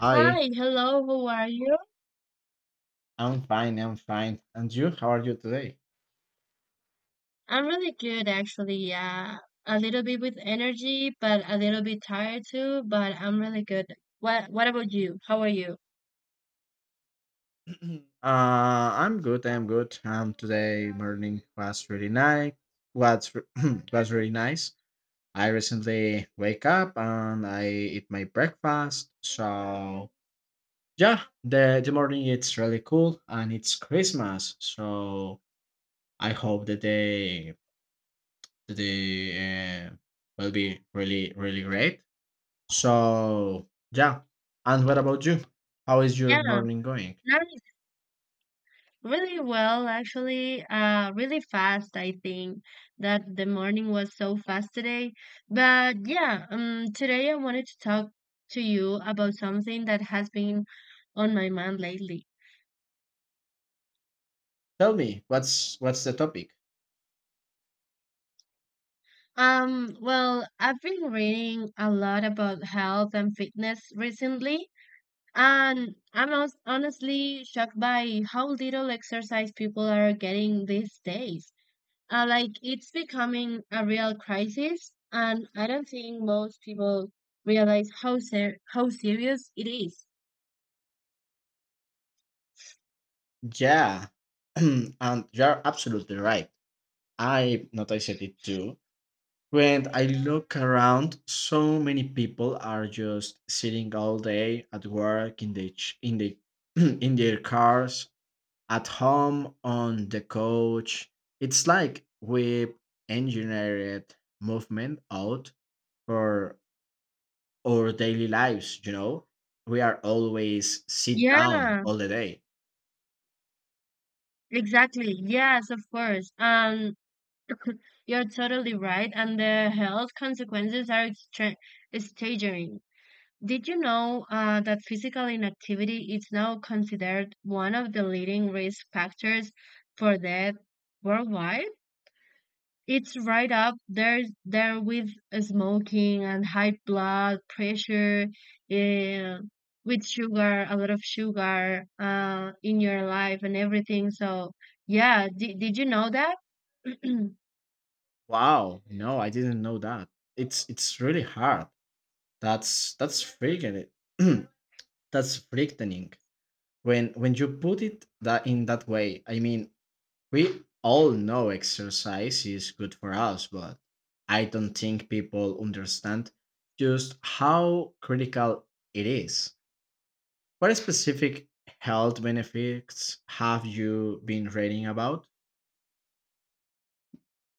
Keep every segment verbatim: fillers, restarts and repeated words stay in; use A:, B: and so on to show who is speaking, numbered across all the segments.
A: Hi.
B: Hi, hello, how are you?
A: I'm fine. I'm fine. And you? How are you today?
B: I'm really good actually. Yeah, a little bit with energy, but a little bit tired too, but I'm really good. What what about you? How are you?
A: uh, I'm good. I'm good. Um, today morning was really nice. Was re- was really nice. I recently wake up and I eat my breakfast. So yeah, the the morning it's really cool and it's Christmas. So I hope the day the day uh, will be really really great. So, yeah. And what about you? How is your
B: Yeah,
A: morning going?
B: nice. Really well actually. Uh, really fast, I think that the morning was so fast today. But yeah, um, today I wanted to talk to you about something that has been on my mind lately.
A: Tell me, what's what's the topic?
B: Um, well, I've been reading a lot about health and fitness recently, and I'm hos- honestly shocked by how little exercise people are getting these days. Uh, like, it's becoming a real crisis, and I don't think most people realize how ser how serious it is.
A: Yeah. And you're absolutely right. I noticed it too. When I look around, so many people are just sitting all day at work in the ch- in the in their cars, at home on the couch. It's like we engineered movement out for our daily lives, you know? We are always sit down
B: Yeah,
A: all the day.
B: exactly. Yes, of course. Um, you're totally right, and the health consequences are extra staggering. Did you know uh, that physical inactivity is now considered one of the leading risk factors for death worldwide? It's right up there, there with smoking and high blood pressure, uh, with sugar, a lot of sugar uh, in your life and everything. So, yeah, did, did you know that?
A: Wow, no, I didn't know that. It's it's really hard. That's that's freaking it. That's frightening. When when you put it that in that way, I mean, we all know exercise is good for us, but I don't think people understand just how critical it is. What specific health benefits have you been reading about?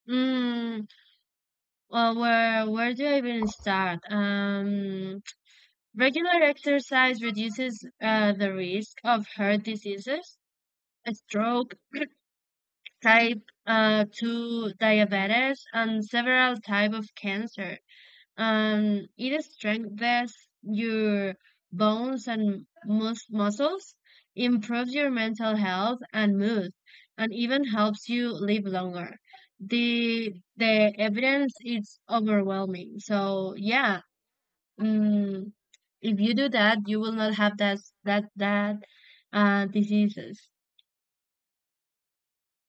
B: mm, well, where where do I even start? Um, Regular exercise reduces uh, the risk of heart diseases, a stroke, type uh, two diabetes, and several type of cancer. Um, it strengthens your bones and mus- muscles, improves your mental health and mood, and even helps you live longer. The the evidence is overwhelming. So yeah, mm if you do that, you will not have that that that uh, diseases.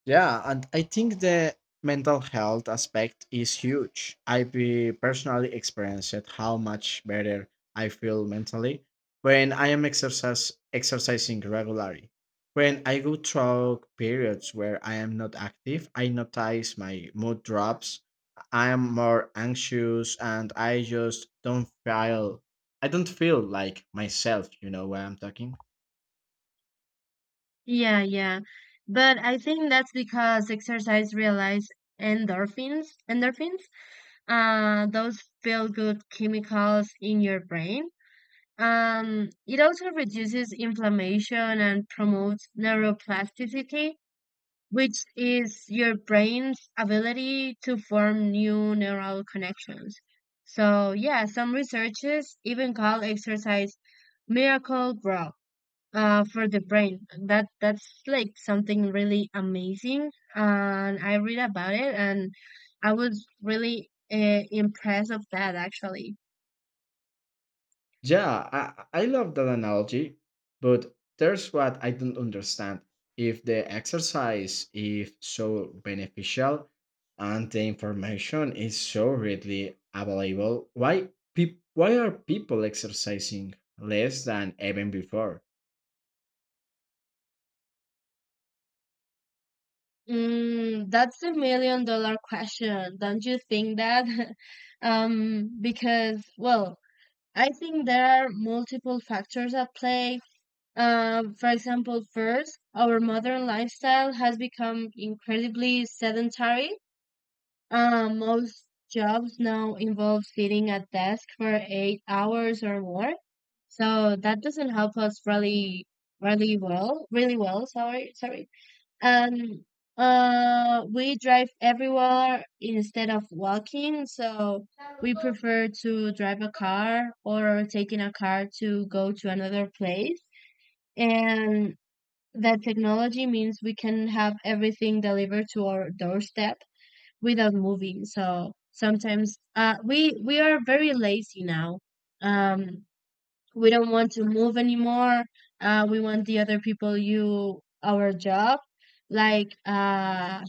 A: Yeah, and I think the mental health aspect is huge. I be personally experienced how much better I feel mentally when I am exercise exercising regularly. When I go through periods where I am not active, I notice my mood drops. I am more anxious and I just don't feel I don't feel like myself, you know where I'm talking?
B: Yeah, yeah. But I think that's because exercise realize endorphins, endorphins, uh, those feel good chemicals in your brain. Um, it also reduces inflammation and promotes neuroplasticity, which is your brain's ability to form new neural connections. So, yeah, some researchers even call exercise miracle bro uh, for the brain. That that's like something really amazing, and I read about it, and I was really uh, impressed of that actually.
A: Yeah, I, I love that analogy, but there's what I don't understand. If the exercise is so beneficial and the information is so readily available, why peop why are people exercising less than even before?
B: Mm, that's the million dollar question, don't you think that? um, because well, I think there are multiple factors at play. Uh, for example, first, our modern lifestyle has become incredibly sedentary. Uh, most jobs now involve sitting at desk for eight hours or more, so that doesn't help us really, really well, really well. Sorry, sorry, and uh we drive everywhere instead of walking, so we prefer to drive a car or taking a car to go to another place, and that technology means we can have everything delivered to our doorstep without moving. So sometimes uh we we are very lazy now. Um we don't want to move anymore. Uh we want the other people you our job, like uh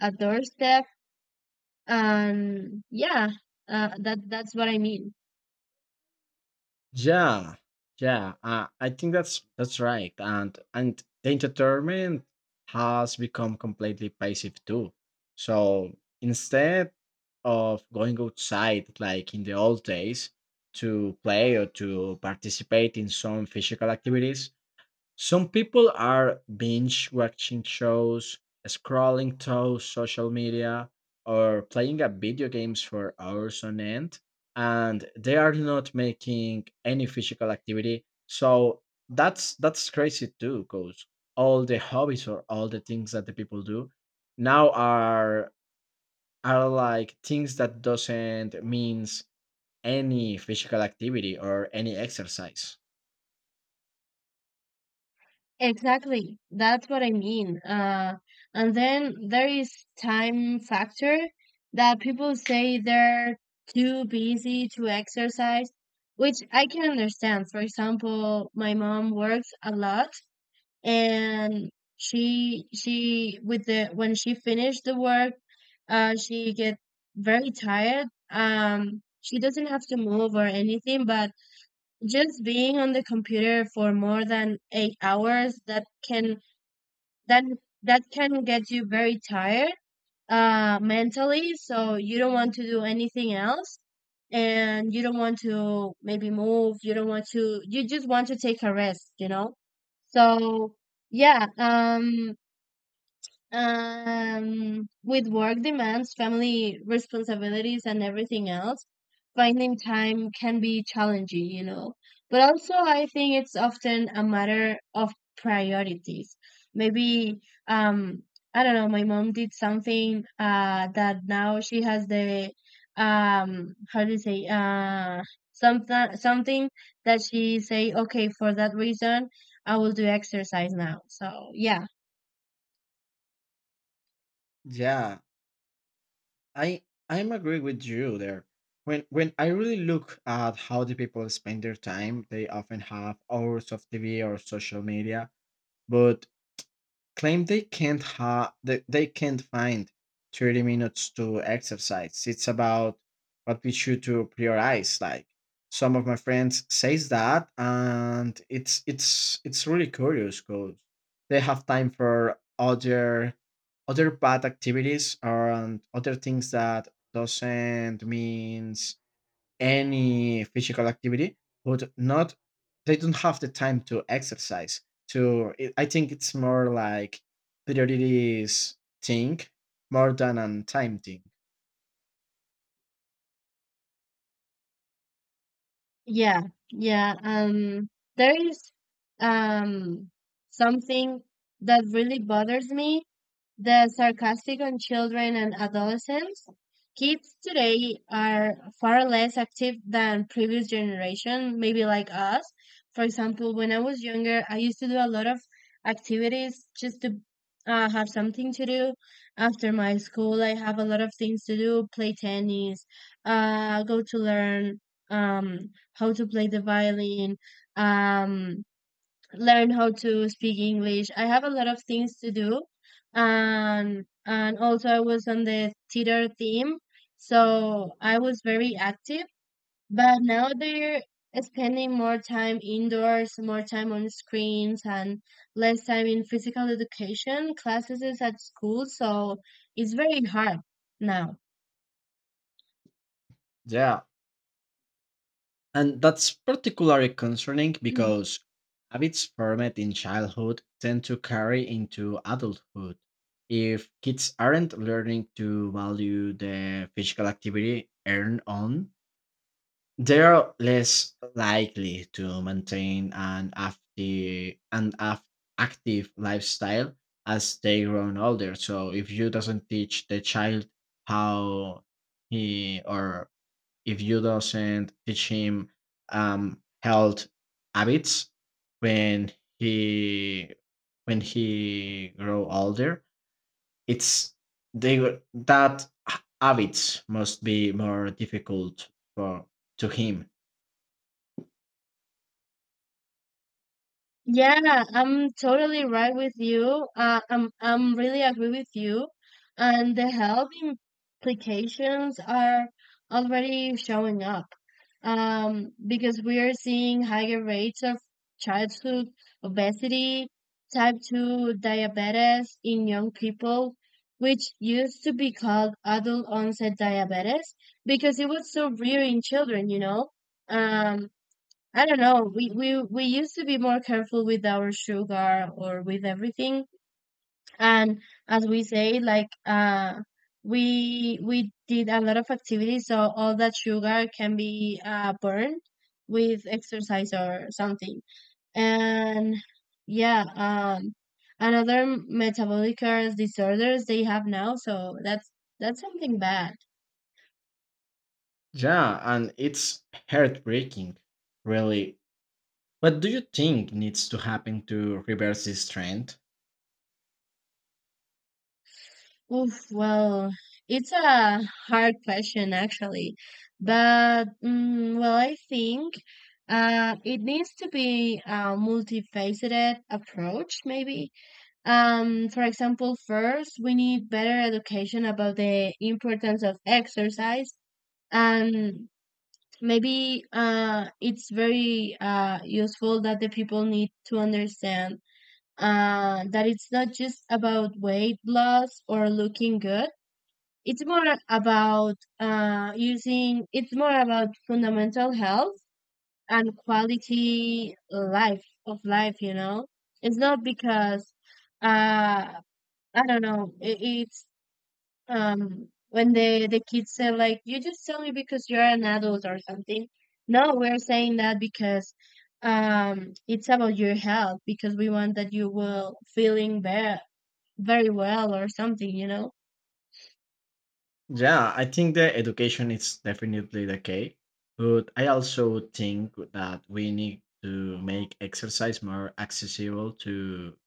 B: a doorstep, and yeah, uh, that that's what I mean.
A: Yeah, yeah, uh, I think that's that's right, and and the entertainment has become completely passive too. So instead of going outside like in the old days to play or to participate in some physical activities, some people are binge watching shows, scrolling through social media, or playing up video games for hours on end, and they are not making any physical activity. So that's that's crazy too, because all the hobbies or all the things that the people do now are are like things that doesn't means any physical activity or any exercise.
B: Exactly, that's what I mean. Uh, and then there is time factor that people say they're too busy to exercise, which I can understand. For example, my mom works a lot, and she she with the when she finished the work, uh she get very tired. Um she doesn't have to move or anything, but just being on the computer for more than eight hours, that can that that can get you very tired uh mentally, so you don't want to do anything else, and you don't want to maybe move, you don't want to, you just want to take a rest you know So yeah, um um, with work demands, family responsibilities, and everything else, finding time can be challenging, you know. But also, I think it's often a matter of priorities. Maybe, um, I don't know, my mom did something uh, that now she has the, um, how do you say, uh, something, something that she say, okay, for that reason, I will do exercise now. So, yeah.
A: Yeah, I I'm agree with you there. When when I really look at how the people spend their time, they often have hours of T V or social media, but claim they can't ha- that they can't find thirty minutes to exercise. It's about what we should to prioritize. Like some of my friends says that, and it's it's it's really curious because they have time for other other bad activities and other things that doesn't means any physical activity but not they don't have the time to exercise to it. I think it's more like priorities thing more than a time thing.
B: Yeah, yeah. Um, there is um something that really bothers me, the sarcastic on children and adolescents. Kids today are far less active than previous generation, maybe like us. For example, when I was younger, I used to do a lot of activities just to uh, have something to do after my school. I have a lot of things to do, play tennis, uh, go to learn. Um, how to play the violin, um, learn how to speak English. I have a lot of things to do, and and also I was on the theater team, so I was very active. But now they're spending more time indoors, more time on screens, and less time in physical education classes at school. So it's very hard now.
A: Yeah, and that's particularly concerning because habits formed in childhood tend to carry into adulthood. If kids aren't learning to value the physical activity earned on, they're less likely to maintain an active, an af- active lifestyle as they grown older. So if you doesn't teach the child how he or if you doesn't teach him um, health habits when he when he grow older, it's they w- that h- habits must be more difficult for to him.
B: Yeah, I'm totally right with you. Uh, I'm I'm really agree with you, and the health implications are already showing up. Um, because we are seeing higher rates of childhood obesity, type two diabetes in young people, which used to be called adult onset diabetes because it was so rare in children, you know. Um, I don't know. We we we used to be more careful with our sugar or with everything. And as we say, like uh we we did a lot of activities, so all that sugar can be uh burned with exercise or something. And yeah, um another metabolic disorders they have now, so that's that's something bad.
A: Yeah, and it's heartbreaking, really. What do you think needs to happen to reverse this trend?
B: Oof, well, it's a hard question actually, but mm, well, I think uh, it needs to be a multifaceted approach, maybe. Um, for example, first we need better education about the importance of exercise, and maybe uh, it's very uh, useful that the people need to understand uh, that it's not just about weight loss or looking good. It's more about uh, using, it's more about fundamental health and quality life of life, you know? It's not because, uh, I don't know, it, it's um, when the, the kids say, like, you just tell me because you're an adult or something. No, we're saying that because um, it's about your health, because we want that you will feeling better, very well or something, you know?
A: Yeah, I think the education is definitely the key, but I also think that we need to make exercise more accessible to,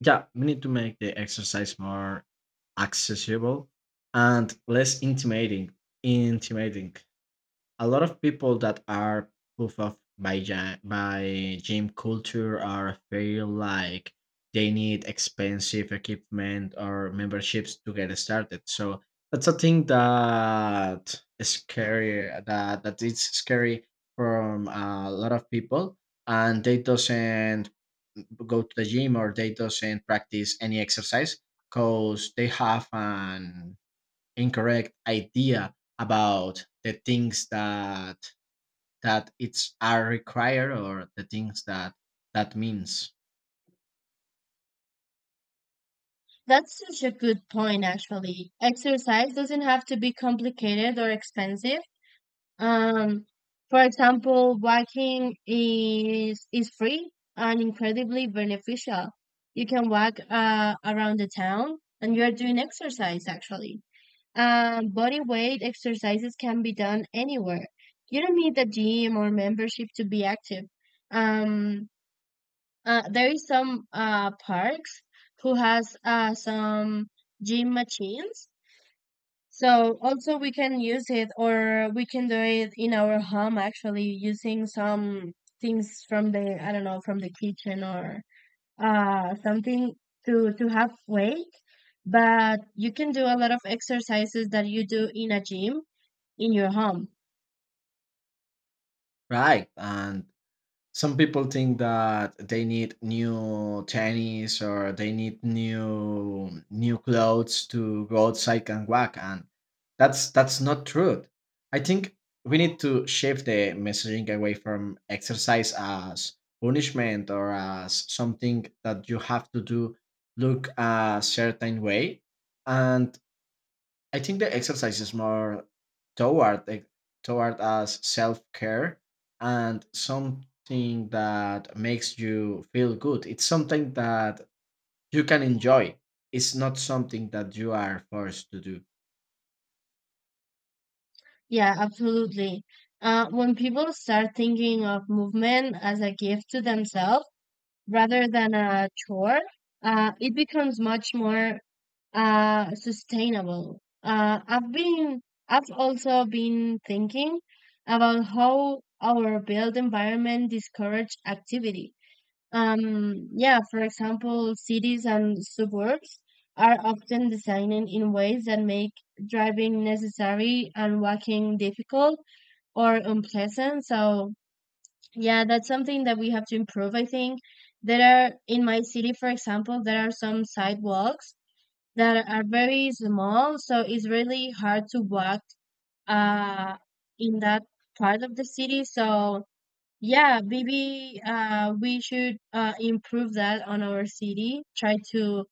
A: yeah, we need to make the exercise more accessible and less intimidating, intimidating. A lot of people that are proof of by ja- by gym culture are feel like they need expensive equipment or memberships to get started. So that's a thing that is scary. That that is scary from a lot of people, and they doesn't go to the gym or they doesn't practice any exercise because they have an incorrect idea about the things that that it's are required or the things that that means.
B: That's such a good point, actually. Exercise doesn't have to be complicated or expensive. Um, for example, walking is is free and incredibly beneficial. You can walk uh, around the town, and you're doing exercise actually. Um, body weight exercises can be done anywhere. You don't need a gym or membership to be active. Um, uh, there is some uh, parks who has uh, some gym machines. So also we can use it or we can do it in our home actually using some things from the, I don't know, from the kitchen or uh, something to to have weight. But you can do a lot of exercises that you do in a gym in your home.
A: Right, and some people think that they need new tennis or they need new new clothes to go outside and walk, and that's that's not true. I think we need to shift the messaging away from exercise as punishment or as something that you have to do look a certain way, and I think the exercise is more toward like, toward us self care and something that makes you feel good. It's something that you can enjoy. It's not something that you are forced to do.
B: Yeah, absolutely. Uh, when people start thinking of movement as a gift to themselves, rather than a chore, uh, it becomes much more uh, sustainable. Uh, I've been, I've also been thinking about how our built environment discourage activity. Um, yeah, for example, cities and suburbs are often designed in ways that make driving necessary and walking difficult or unpleasant. So yeah, that's something that we have to improve, I think. There are, in my city, for example, there are some sidewalks that are very small, so it's really hard to walk uh in that part of the city. So yeah, maybe uh we should uh improve that on our city, try to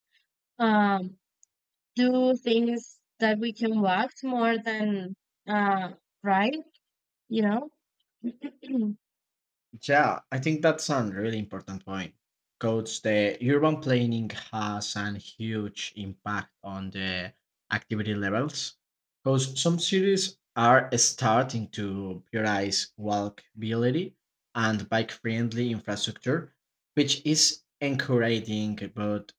B: um do things that we can walk more than uh ride, you know?
A: Yeah, I think that's a really important point. Coach, the urban planning has a huge impact on the activity levels. Because some cities are starting to prioritize walkability and bike friendly infrastructure, which is encouraging. But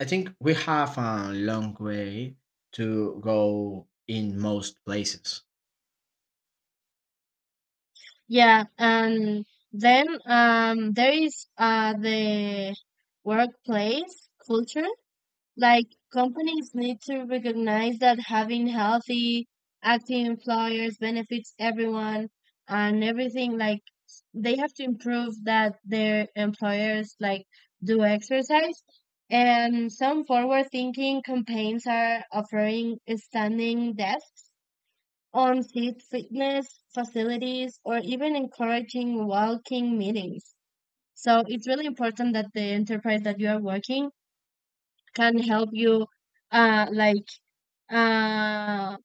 A: I think we have a long way to go in most places.
B: Yeah, and then um, there is uh, the workplace culture. Like companies need to recognize that having healthy, active employers benefits everyone and everything. Like they have to improve that their employers like do exercise. And some forward-thinking campaigns are offering standing desks on seat fitness facilities or even encouraging walking meetings. So it's really important that the enterprise that you are working can help you, uh, like uh,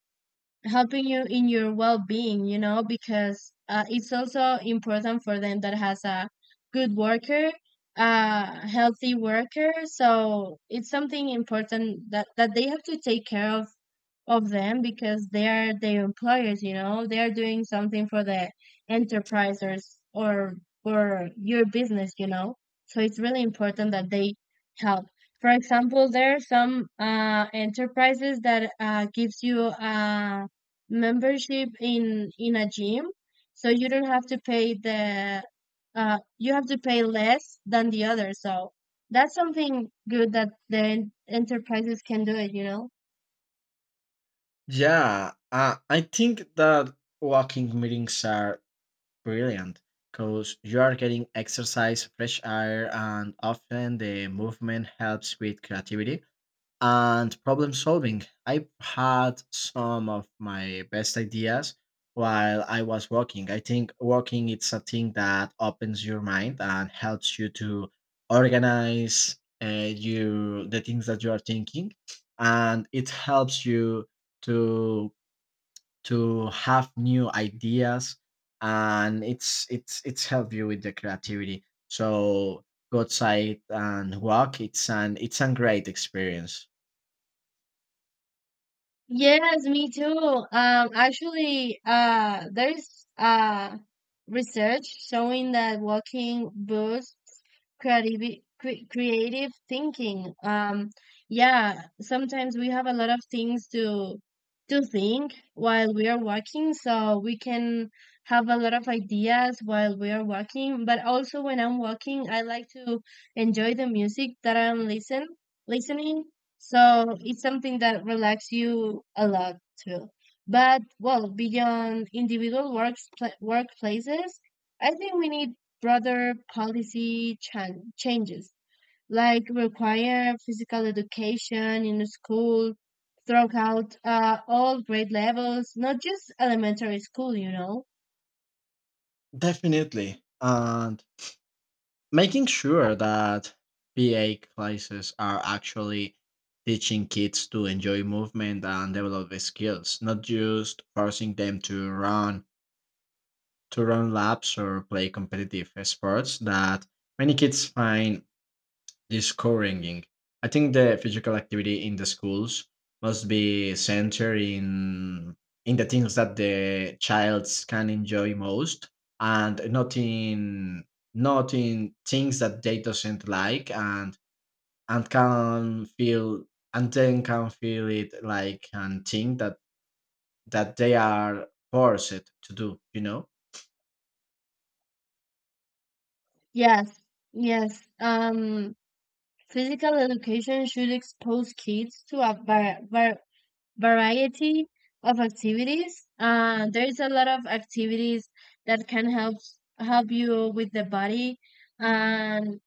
B: helping you in your well-being. You know, because uh, it's also important for them that has a good worker, uh, healthy worker. So it's something important that that they have to take care of of them, because they are their employers, you know, they are doing something for the enterprises or or for your business, you know. So it's really important that they help. For example, there are some uh, enterprises that uh, gives you a membership in in a gym, so you don't have to pay the uh, you have to pay less than the other. So that's something good that the en- enterprises can do it, you know.
A: Yeah, uh, I think that walking meetings are brilliant, because you are getting exercise, fresh air, and often the movement helps with creativity and problem solving. I've had some of my best ideas while I was walking. I think walking it's a thing that opens your mind and helps you to organize uh, you the things that you are thinking, and it helps you to to have new ideas, and it's it's it's help you with the creativity. So go outside and walk, it's an it's a great experience.
B: Yes, me too. Um, actually, uh, there's uh research showing that walking boosts creative cre creative thinking. Um, yeah, sometimes we have a lot of things to to think while we are walking, so we can have a lot of ideas while we are walking. But also, when I'm walking, I like to enjoy the music that I'm listen listening, so it's something that relaxes you a lot too. But well, beyond individual works pla- workplaces, I think we need broader policy chan changes, like require physical education in school throughout uh, all grade levels, not just elementary school, you know.
A: Definitely, and making sure that pa classes are actually teaching kids to enjoy movement and develop the skills, not just forcing them to run to run laps or play competitive sports that many kids find this co-ringing. I think the physical activity in the schools must be centered in in the things that the childs can enjoy most, and not in not in things that they doesn't like, and and can feel and then can feel it like and think that that they are forced to do. You know?
B: Yes, yes. Um, physical education should expose kids to a var- var- variety of activities. Uh, there's a lot of activities that can help help you with the body. And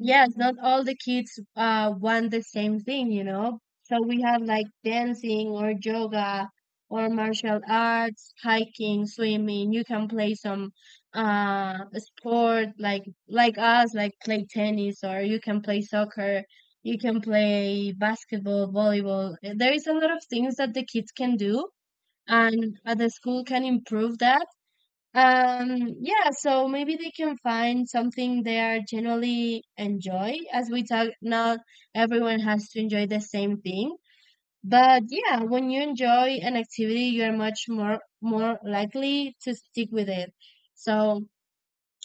B: yes, not all the kids uh want the same thing, you know. So we have like dancing or yoga or martial arts, hiking, swimming. You can play some uh sport like like us, like play tennis, or you can play soccer, you can play basketball, volleyball. There is a lot of things that the kids can do, and uh, the school can improve that. um, yeah, so maybe they can find something they are generally enjoy. As we talk, not everyone has to enjoy the same thing. But yeah, when you enjoy an activity, you're much more more likely to stick with it. So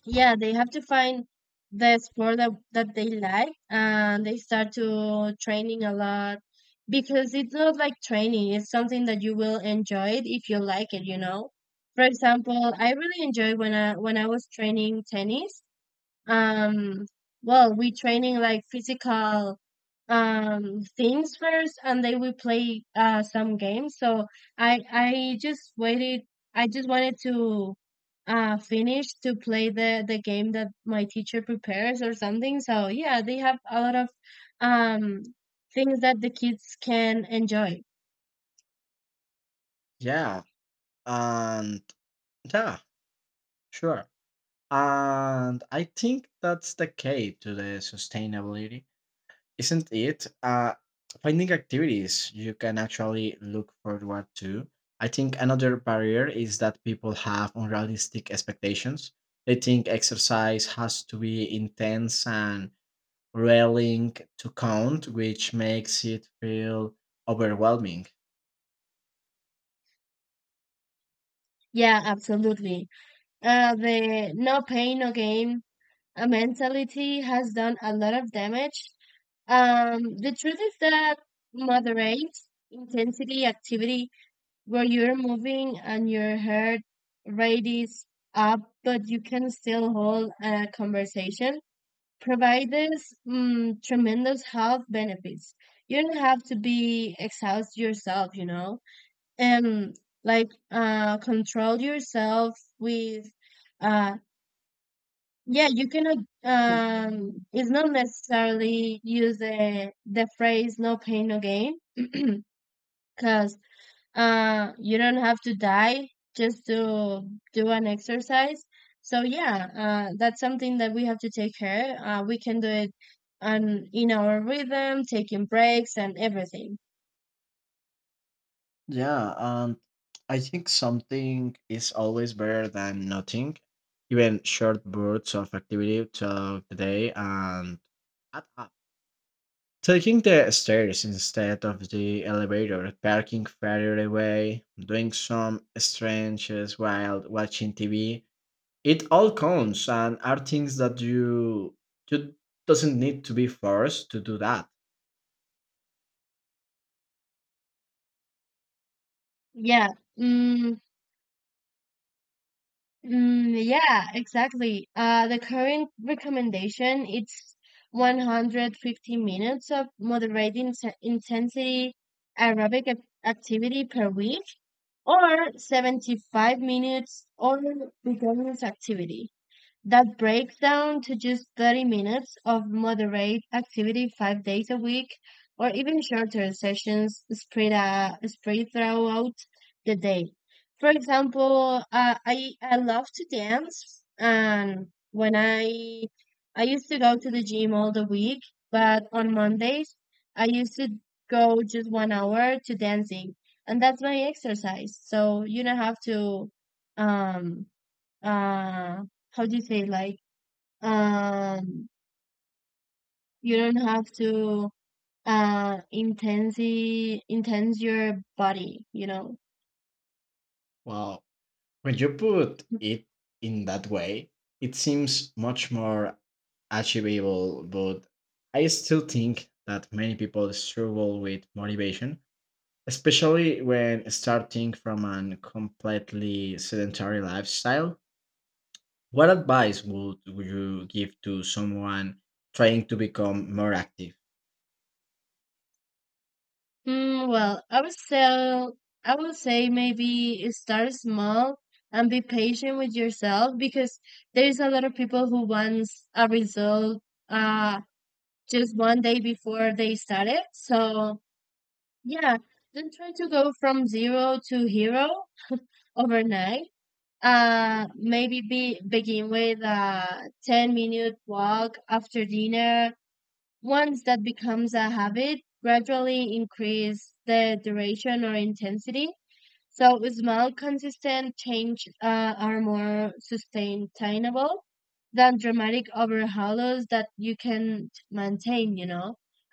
B: yeah, they have to find the sport that, that they like, and they start to training a lot, because it's not like training, it's something that you will enjoy it if you like it, you know. For example, I really enjoyed when i when i was training tennis. um well, we training like physical um things first, and then we play uh some games. So i i just waited i just wanted to uh finish to play the the game that my teacher prepares or something. So yeah, they have a lot of um things that the kids can enjoy.
A: Yeah. And yeah. Sure. And I think that's the key to the sustainability, isn't it? Uh, finding activities you can actually look forward to. I think another barrier is that people have unrealistic expectations. They think exercise has to be intense and railing to count, which makes it feel overwhelming.
B: Yeah, absolutely. Uh the no pain no gain uh, mentality has done a lot of damage. Um, the truth is that moderate intensity activity where you're moving and your heart rate is up, but you can still hold a conversation, provides mm, tremendous health benefits. You don't have to be exhaust yourself, you know, and like uh, control yourself with uh, yeah, you cannot. Um, it's not necessarily use the the phrase "no pain, no gain," because uh, you don't have to die just to do an exercise. So yeah, uh, that's something that we have to take care. Uh, we can do it on in our rhythm, taking breaks and everything.
A: Yeah, and I think something is always better than nothing. Even short bursts of activity throughout the day and add up. Taking the stairs instead of the elevator, parking further away, doing some stretches while watching T V. It all counts and are things that you you doesn't need to be forced to do that.
B: Yeah. mm, Mm, yeah, exactly. Uh, the current recommendation it's one hundred fifty minutes of moderate inse- intensity aerobic ac- activity per week, or seventy-five minutes or vigorous activity. That breaks down to just thirty minutes of moderate activity five days a week, or even shorter sessions spread, uh, spread throughout the day. For example, uh, I, I love to dance, and when I I used to go to the gym all the week, but on Mondays, I used to go just one hour to dancing, and that's my exercise. So you don't have to um uh how do you say, like, um you don't have to uh intensi intense your body, you know.
A: Wow. When you put it in that way, it seems much more achievable, but I still think that many people struggle with motivation, especially when starting from a completely sedentary lifestyle. What advice would you give to someone trying to become more active?
B: Mm, well, i would say i would say maybe start small and be patient with yourself, because there's a lot of people who wants a result uh just one day before they start it. So yeah, don't try to go from zero to hero overnight. Uh, maybe be, begin with a ten minute walk after dinner. Once that becomes a habit, gradually increase the duration or intensity. So small, consistent change uh, are more sustainable than dramatic overhauls that you can maintain, you know.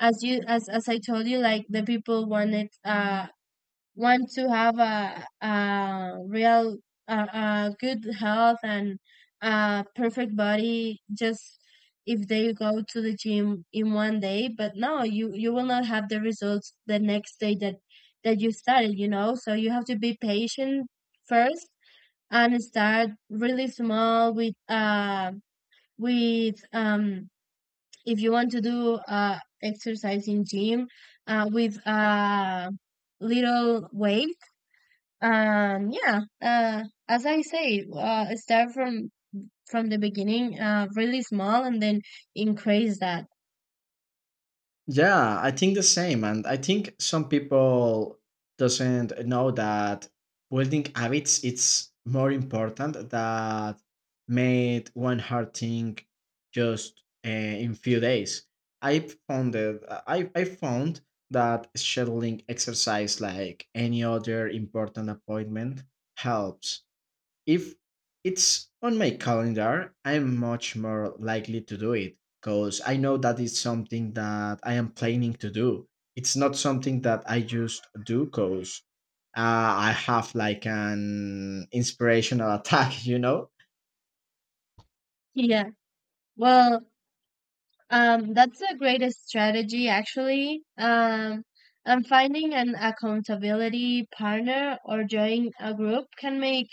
B: As you as as I told you, like the people wanted uh want to have a, a real a, a good health and a perfect body just if they go to the gym in one day. But no, you you will not have the results the next day that that you started, you know. So you have to be patient first, and start really small with uh with um if you want to do uh exercise in gym uh with uh little weight. Um, yeah, uh, as I say, uh, start from from the beginning, uh, really small, and then increase that.
A: Yeah, I think the same, and I think some people doesn't know that building habits it's more important that made one hard thing just uh, in few days. I found that I I found that scheduling exercise like any other important appointment helps if it's on my calendar. I'm much more likely to do it because I know that it's something that I am planning to do. It's not something that I just do because uh, I have like an inspirational attack, you know?
B: Yeah. Well, Um, that's a great strategy, actually. Um, and finding an accountability partner or join a group can make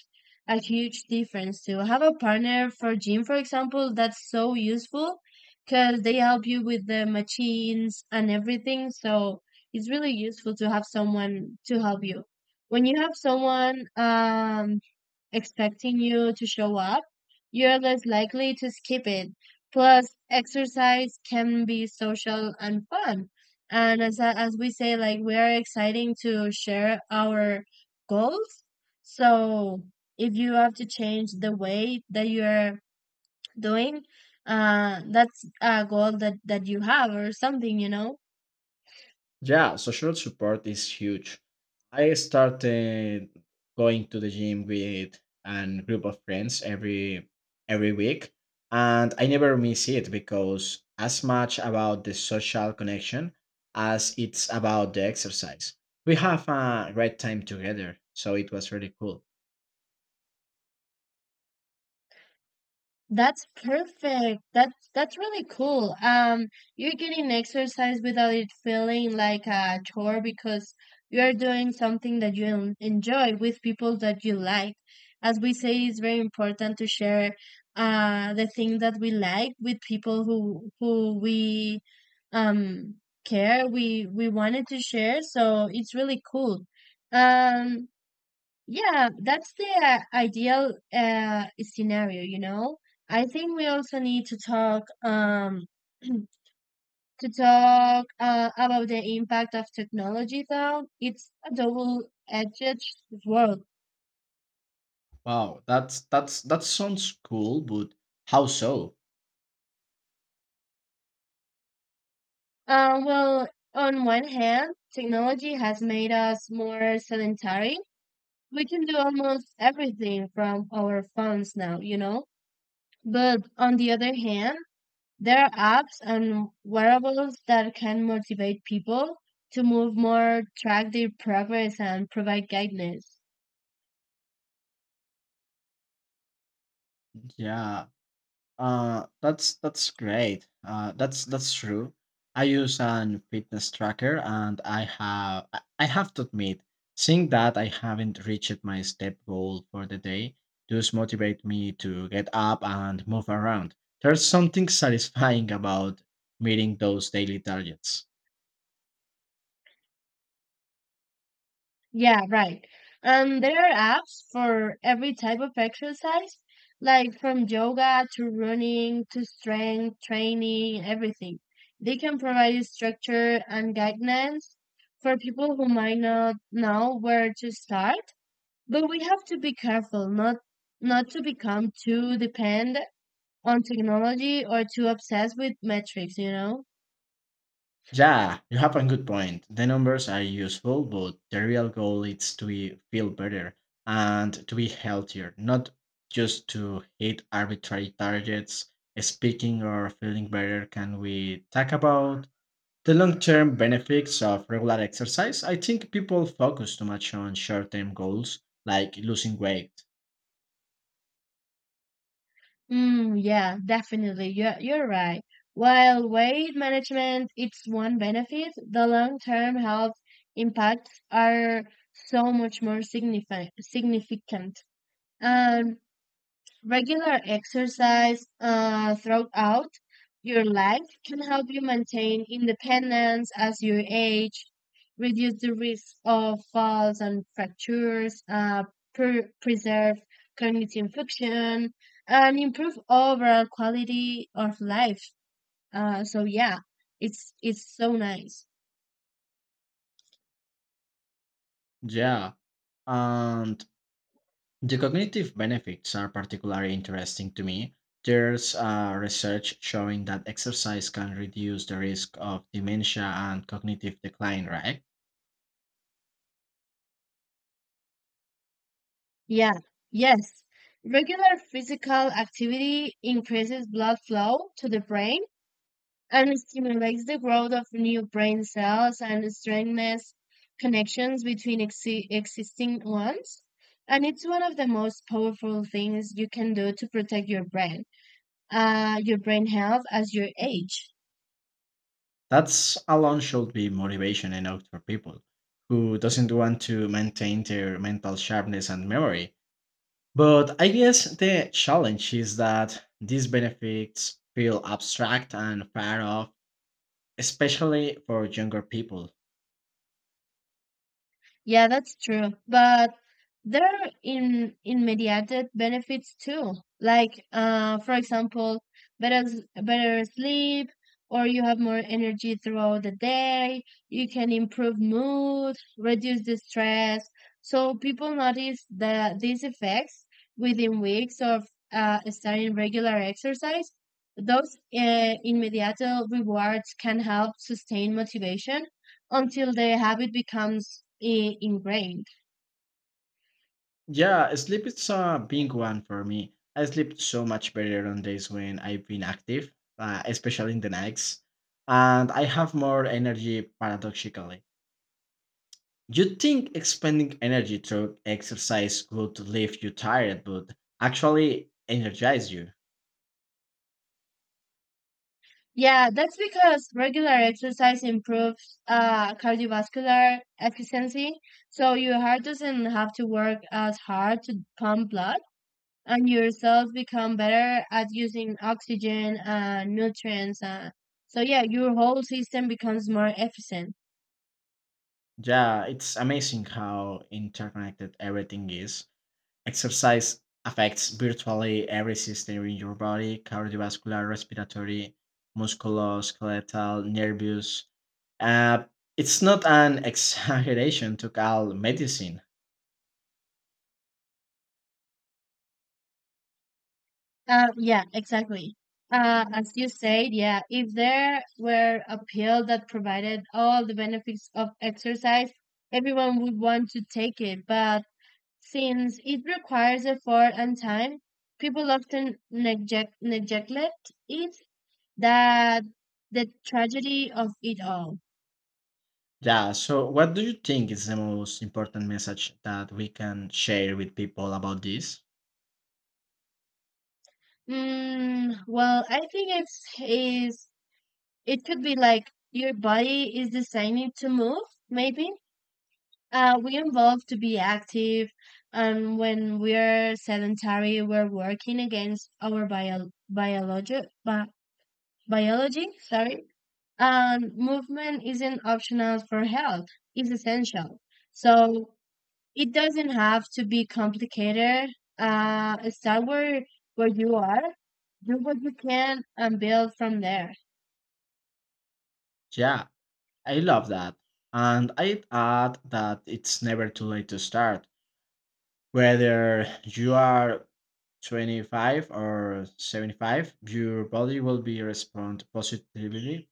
B: a huge difference too. Have a partner for gym, for example, that's so useful because they help you with the machines and everything. So it's really useful to have someone to help you. When you have someone um, expecting you to show up, you're less likely to skip it. Plus, exercise can be social and fun. And as I- as we say, like we are exciting to share our goals. So if you have to change the way that you're doing, uh, that's a goal that that you have or something, you know.
A: Yeah, social support is huge. I started going to the gym with a group of friends every every week, and I never miss it because as much about the social connection as it's about the exercise. We have a great time together, so it was really cool.
B: That's perfect. That's that's really cool. Um, you're getting exercise without it feeling like a chore, because you're doing something that you en- enjoy with people that you like. As we say, it's very important to share uh the thing that we like with people who who we um care we we wanted to share. So it's really cool. Um, yeah, that's the uh, ideal uh, scenario, you know. I think we also need to talk um to talk uh, about the impact of technology, though. It's a double-edged sword.
A: Wow, that's that's that sounds cool, but how so?
B: Uh, well, on one hand, technology has made us more sedentary. We can do almost everything from our phones now, you know. But on the other hand, there are apps and wearables that can motivate people to move more, track their progress, and provide guidance.
A: Yeah. Uh, that's that's great. Uh, that's that's true. I use an fitness tracker, and I have I I have to admit, seeing that I haven't reached my step goal for the day does motivate me to get up and move around. There's something satisfying about meeting those daily targets.
B: Yeah, right. And there are apps for every type of exercise, like from yoga to running to strength training, everything. They can provide structure and guidance for people who might not know where to start. But we have to be careful not not to become too dependent on technology or too obsessed with metrics, you know?
A: Yeah, you have a good point. The numbers are useful, but the real goal is to be- feel better and to be healthier, not just to hit arbitrary targets. Speaking or feeling better, can we talk about the long term benefits of regular exercise? I think people focus too much on short term goals like losing weight.
B: Mm, yeah, definitely. You're, you're right. While weight management it's one benefit, the long-term health impacts are so much more signifi significant. Um, Regular exercise uh, throughout your life can help you maintain independence as you age, reduce the risk of falls and fractures, uh, pre- preserve cognitive function, and improve overall quality of life. Uh, so yeah, it's it's so nice.
A: Yeah. And the cognitive benefits are particularly interesting to me. There's uh, research showing that exercise can reduce the risk of dementia and cognitive decline, right?
B: Yeah. Yes. Regular physical activity increases blood flow to the brain, and it stimulates the growth of new brain cells and strengthens connections between exi- existing ones. And it's one of the most powerful things you can do to protect your brain, uh, your brain health as you age.
A: That's alone should be motivation enough for people who doesn't want to maintain their mental sharpness and memory. But I guess the challenge is that these benefits feel abstract and far off, especially for younger people.
B: Yeah, that's true. But there are in immediate benefits too. Like uh for example, better s- better sleep, or you have more energy throughout the day, you can improve mood, reduce the stress. So people notice that these effects within weeks of uh, starting regular exercise. Those uh, immediate rewards can help sustain motivation until the habit becomes i- ingrained.
A: Yeah, sleep is a big one for me. I sleep so much better on days when I've been active, uh, especially in the nights, and I have more energy paradoxically. You think expending energy through exercise would leave you tired, but actually energize you.
B: Yeah, that's because regular exercise improves uh, cardiovascular efficiency, so your heart doesn't have to work as hard to pump blood, and your cells become better at using oxygen and nutrients. Uh, so yeah, your whole system becomes more efficient.
A: Yeah, it's amazing how interconnected everything is. Exercise affects virtually every system in your body cardiovascular, respiratory, musculoskeletal, nervous. Uh, it's not an exaggeration to call medicine.
B: Uh, yeah, exactly. Uh, as you said, yeah, if there were a pill that provided all the benefits of exercise, everyone would want to take it. But since it requires effort and time, people often neglect neglect it. That the tragedy of it all.
A: Yeah, so what do you think is the most important message that we can share with people about this?
B: Mm, well, I think it's is it could be like your body is designed to move, maybe. Uh, we evolve to be active, and when we're sedentary, we're working against our bio biology. Bi Biology, sorry. And movement isn't optional for health; it's essential. So it doesn't have to be complicated. Uh, start where where you are, do what you can, and build from there.
A: Yeah, I love that. And I'd add that it's never too late to start. Whether you are twenty-five or seventy-five, your body will be respond positively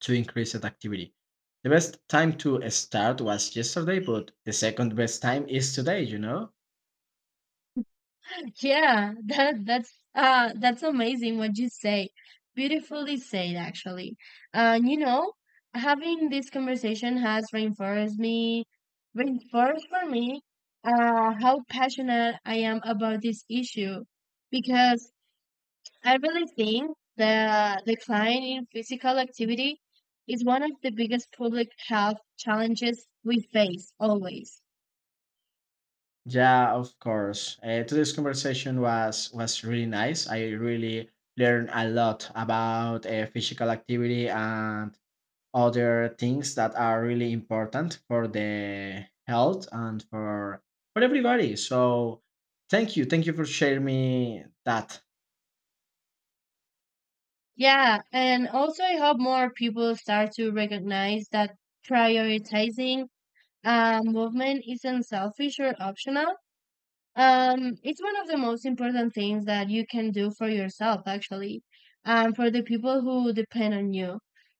A: to increased activity. The best time to start was yesterday, but the second best time is today, you know?
B: Yeah, that that's uh that's amazing what you say. Beautifully said, actually. And you know, having this conversation has reinforced me reinforced for me uh how passionate I am about this issue, because I really think the decline in physical activity is one of the biggest public health challenges we face always.
A: Yeah, of course. Uh, today's conversation was was really nice. I really learned a lot about uh, physical activity and other things that are really important for the health and for for everybody. So thank you thank you for sharing me that.
B: Yeah, and also I hope more people start to recognize that prioritizing uh, movement isn't selfish or optional. Um, it's one of the most important things that you can do for yourself, actually, and for the people who depend on you.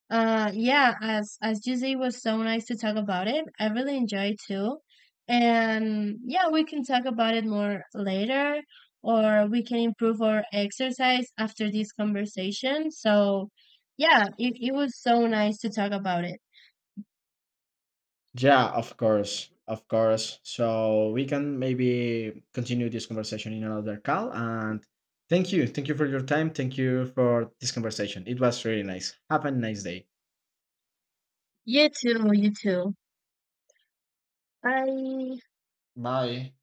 B: Uh, yeah, as as you say, it was so nice to talk about it. I really enjoy it too, and yeah, we can talk about it more later, or we can improve our exercise after this conversation. So yeah, it, it was so nice to talk about it.
A: Yeah, of course, of course. So we can maybe continue this conversation in another call, and thank you thank you for your time. Thank you for this conversation. It was really nice. Have a nice day.
B: You too, you too. Bye.
A: Bye.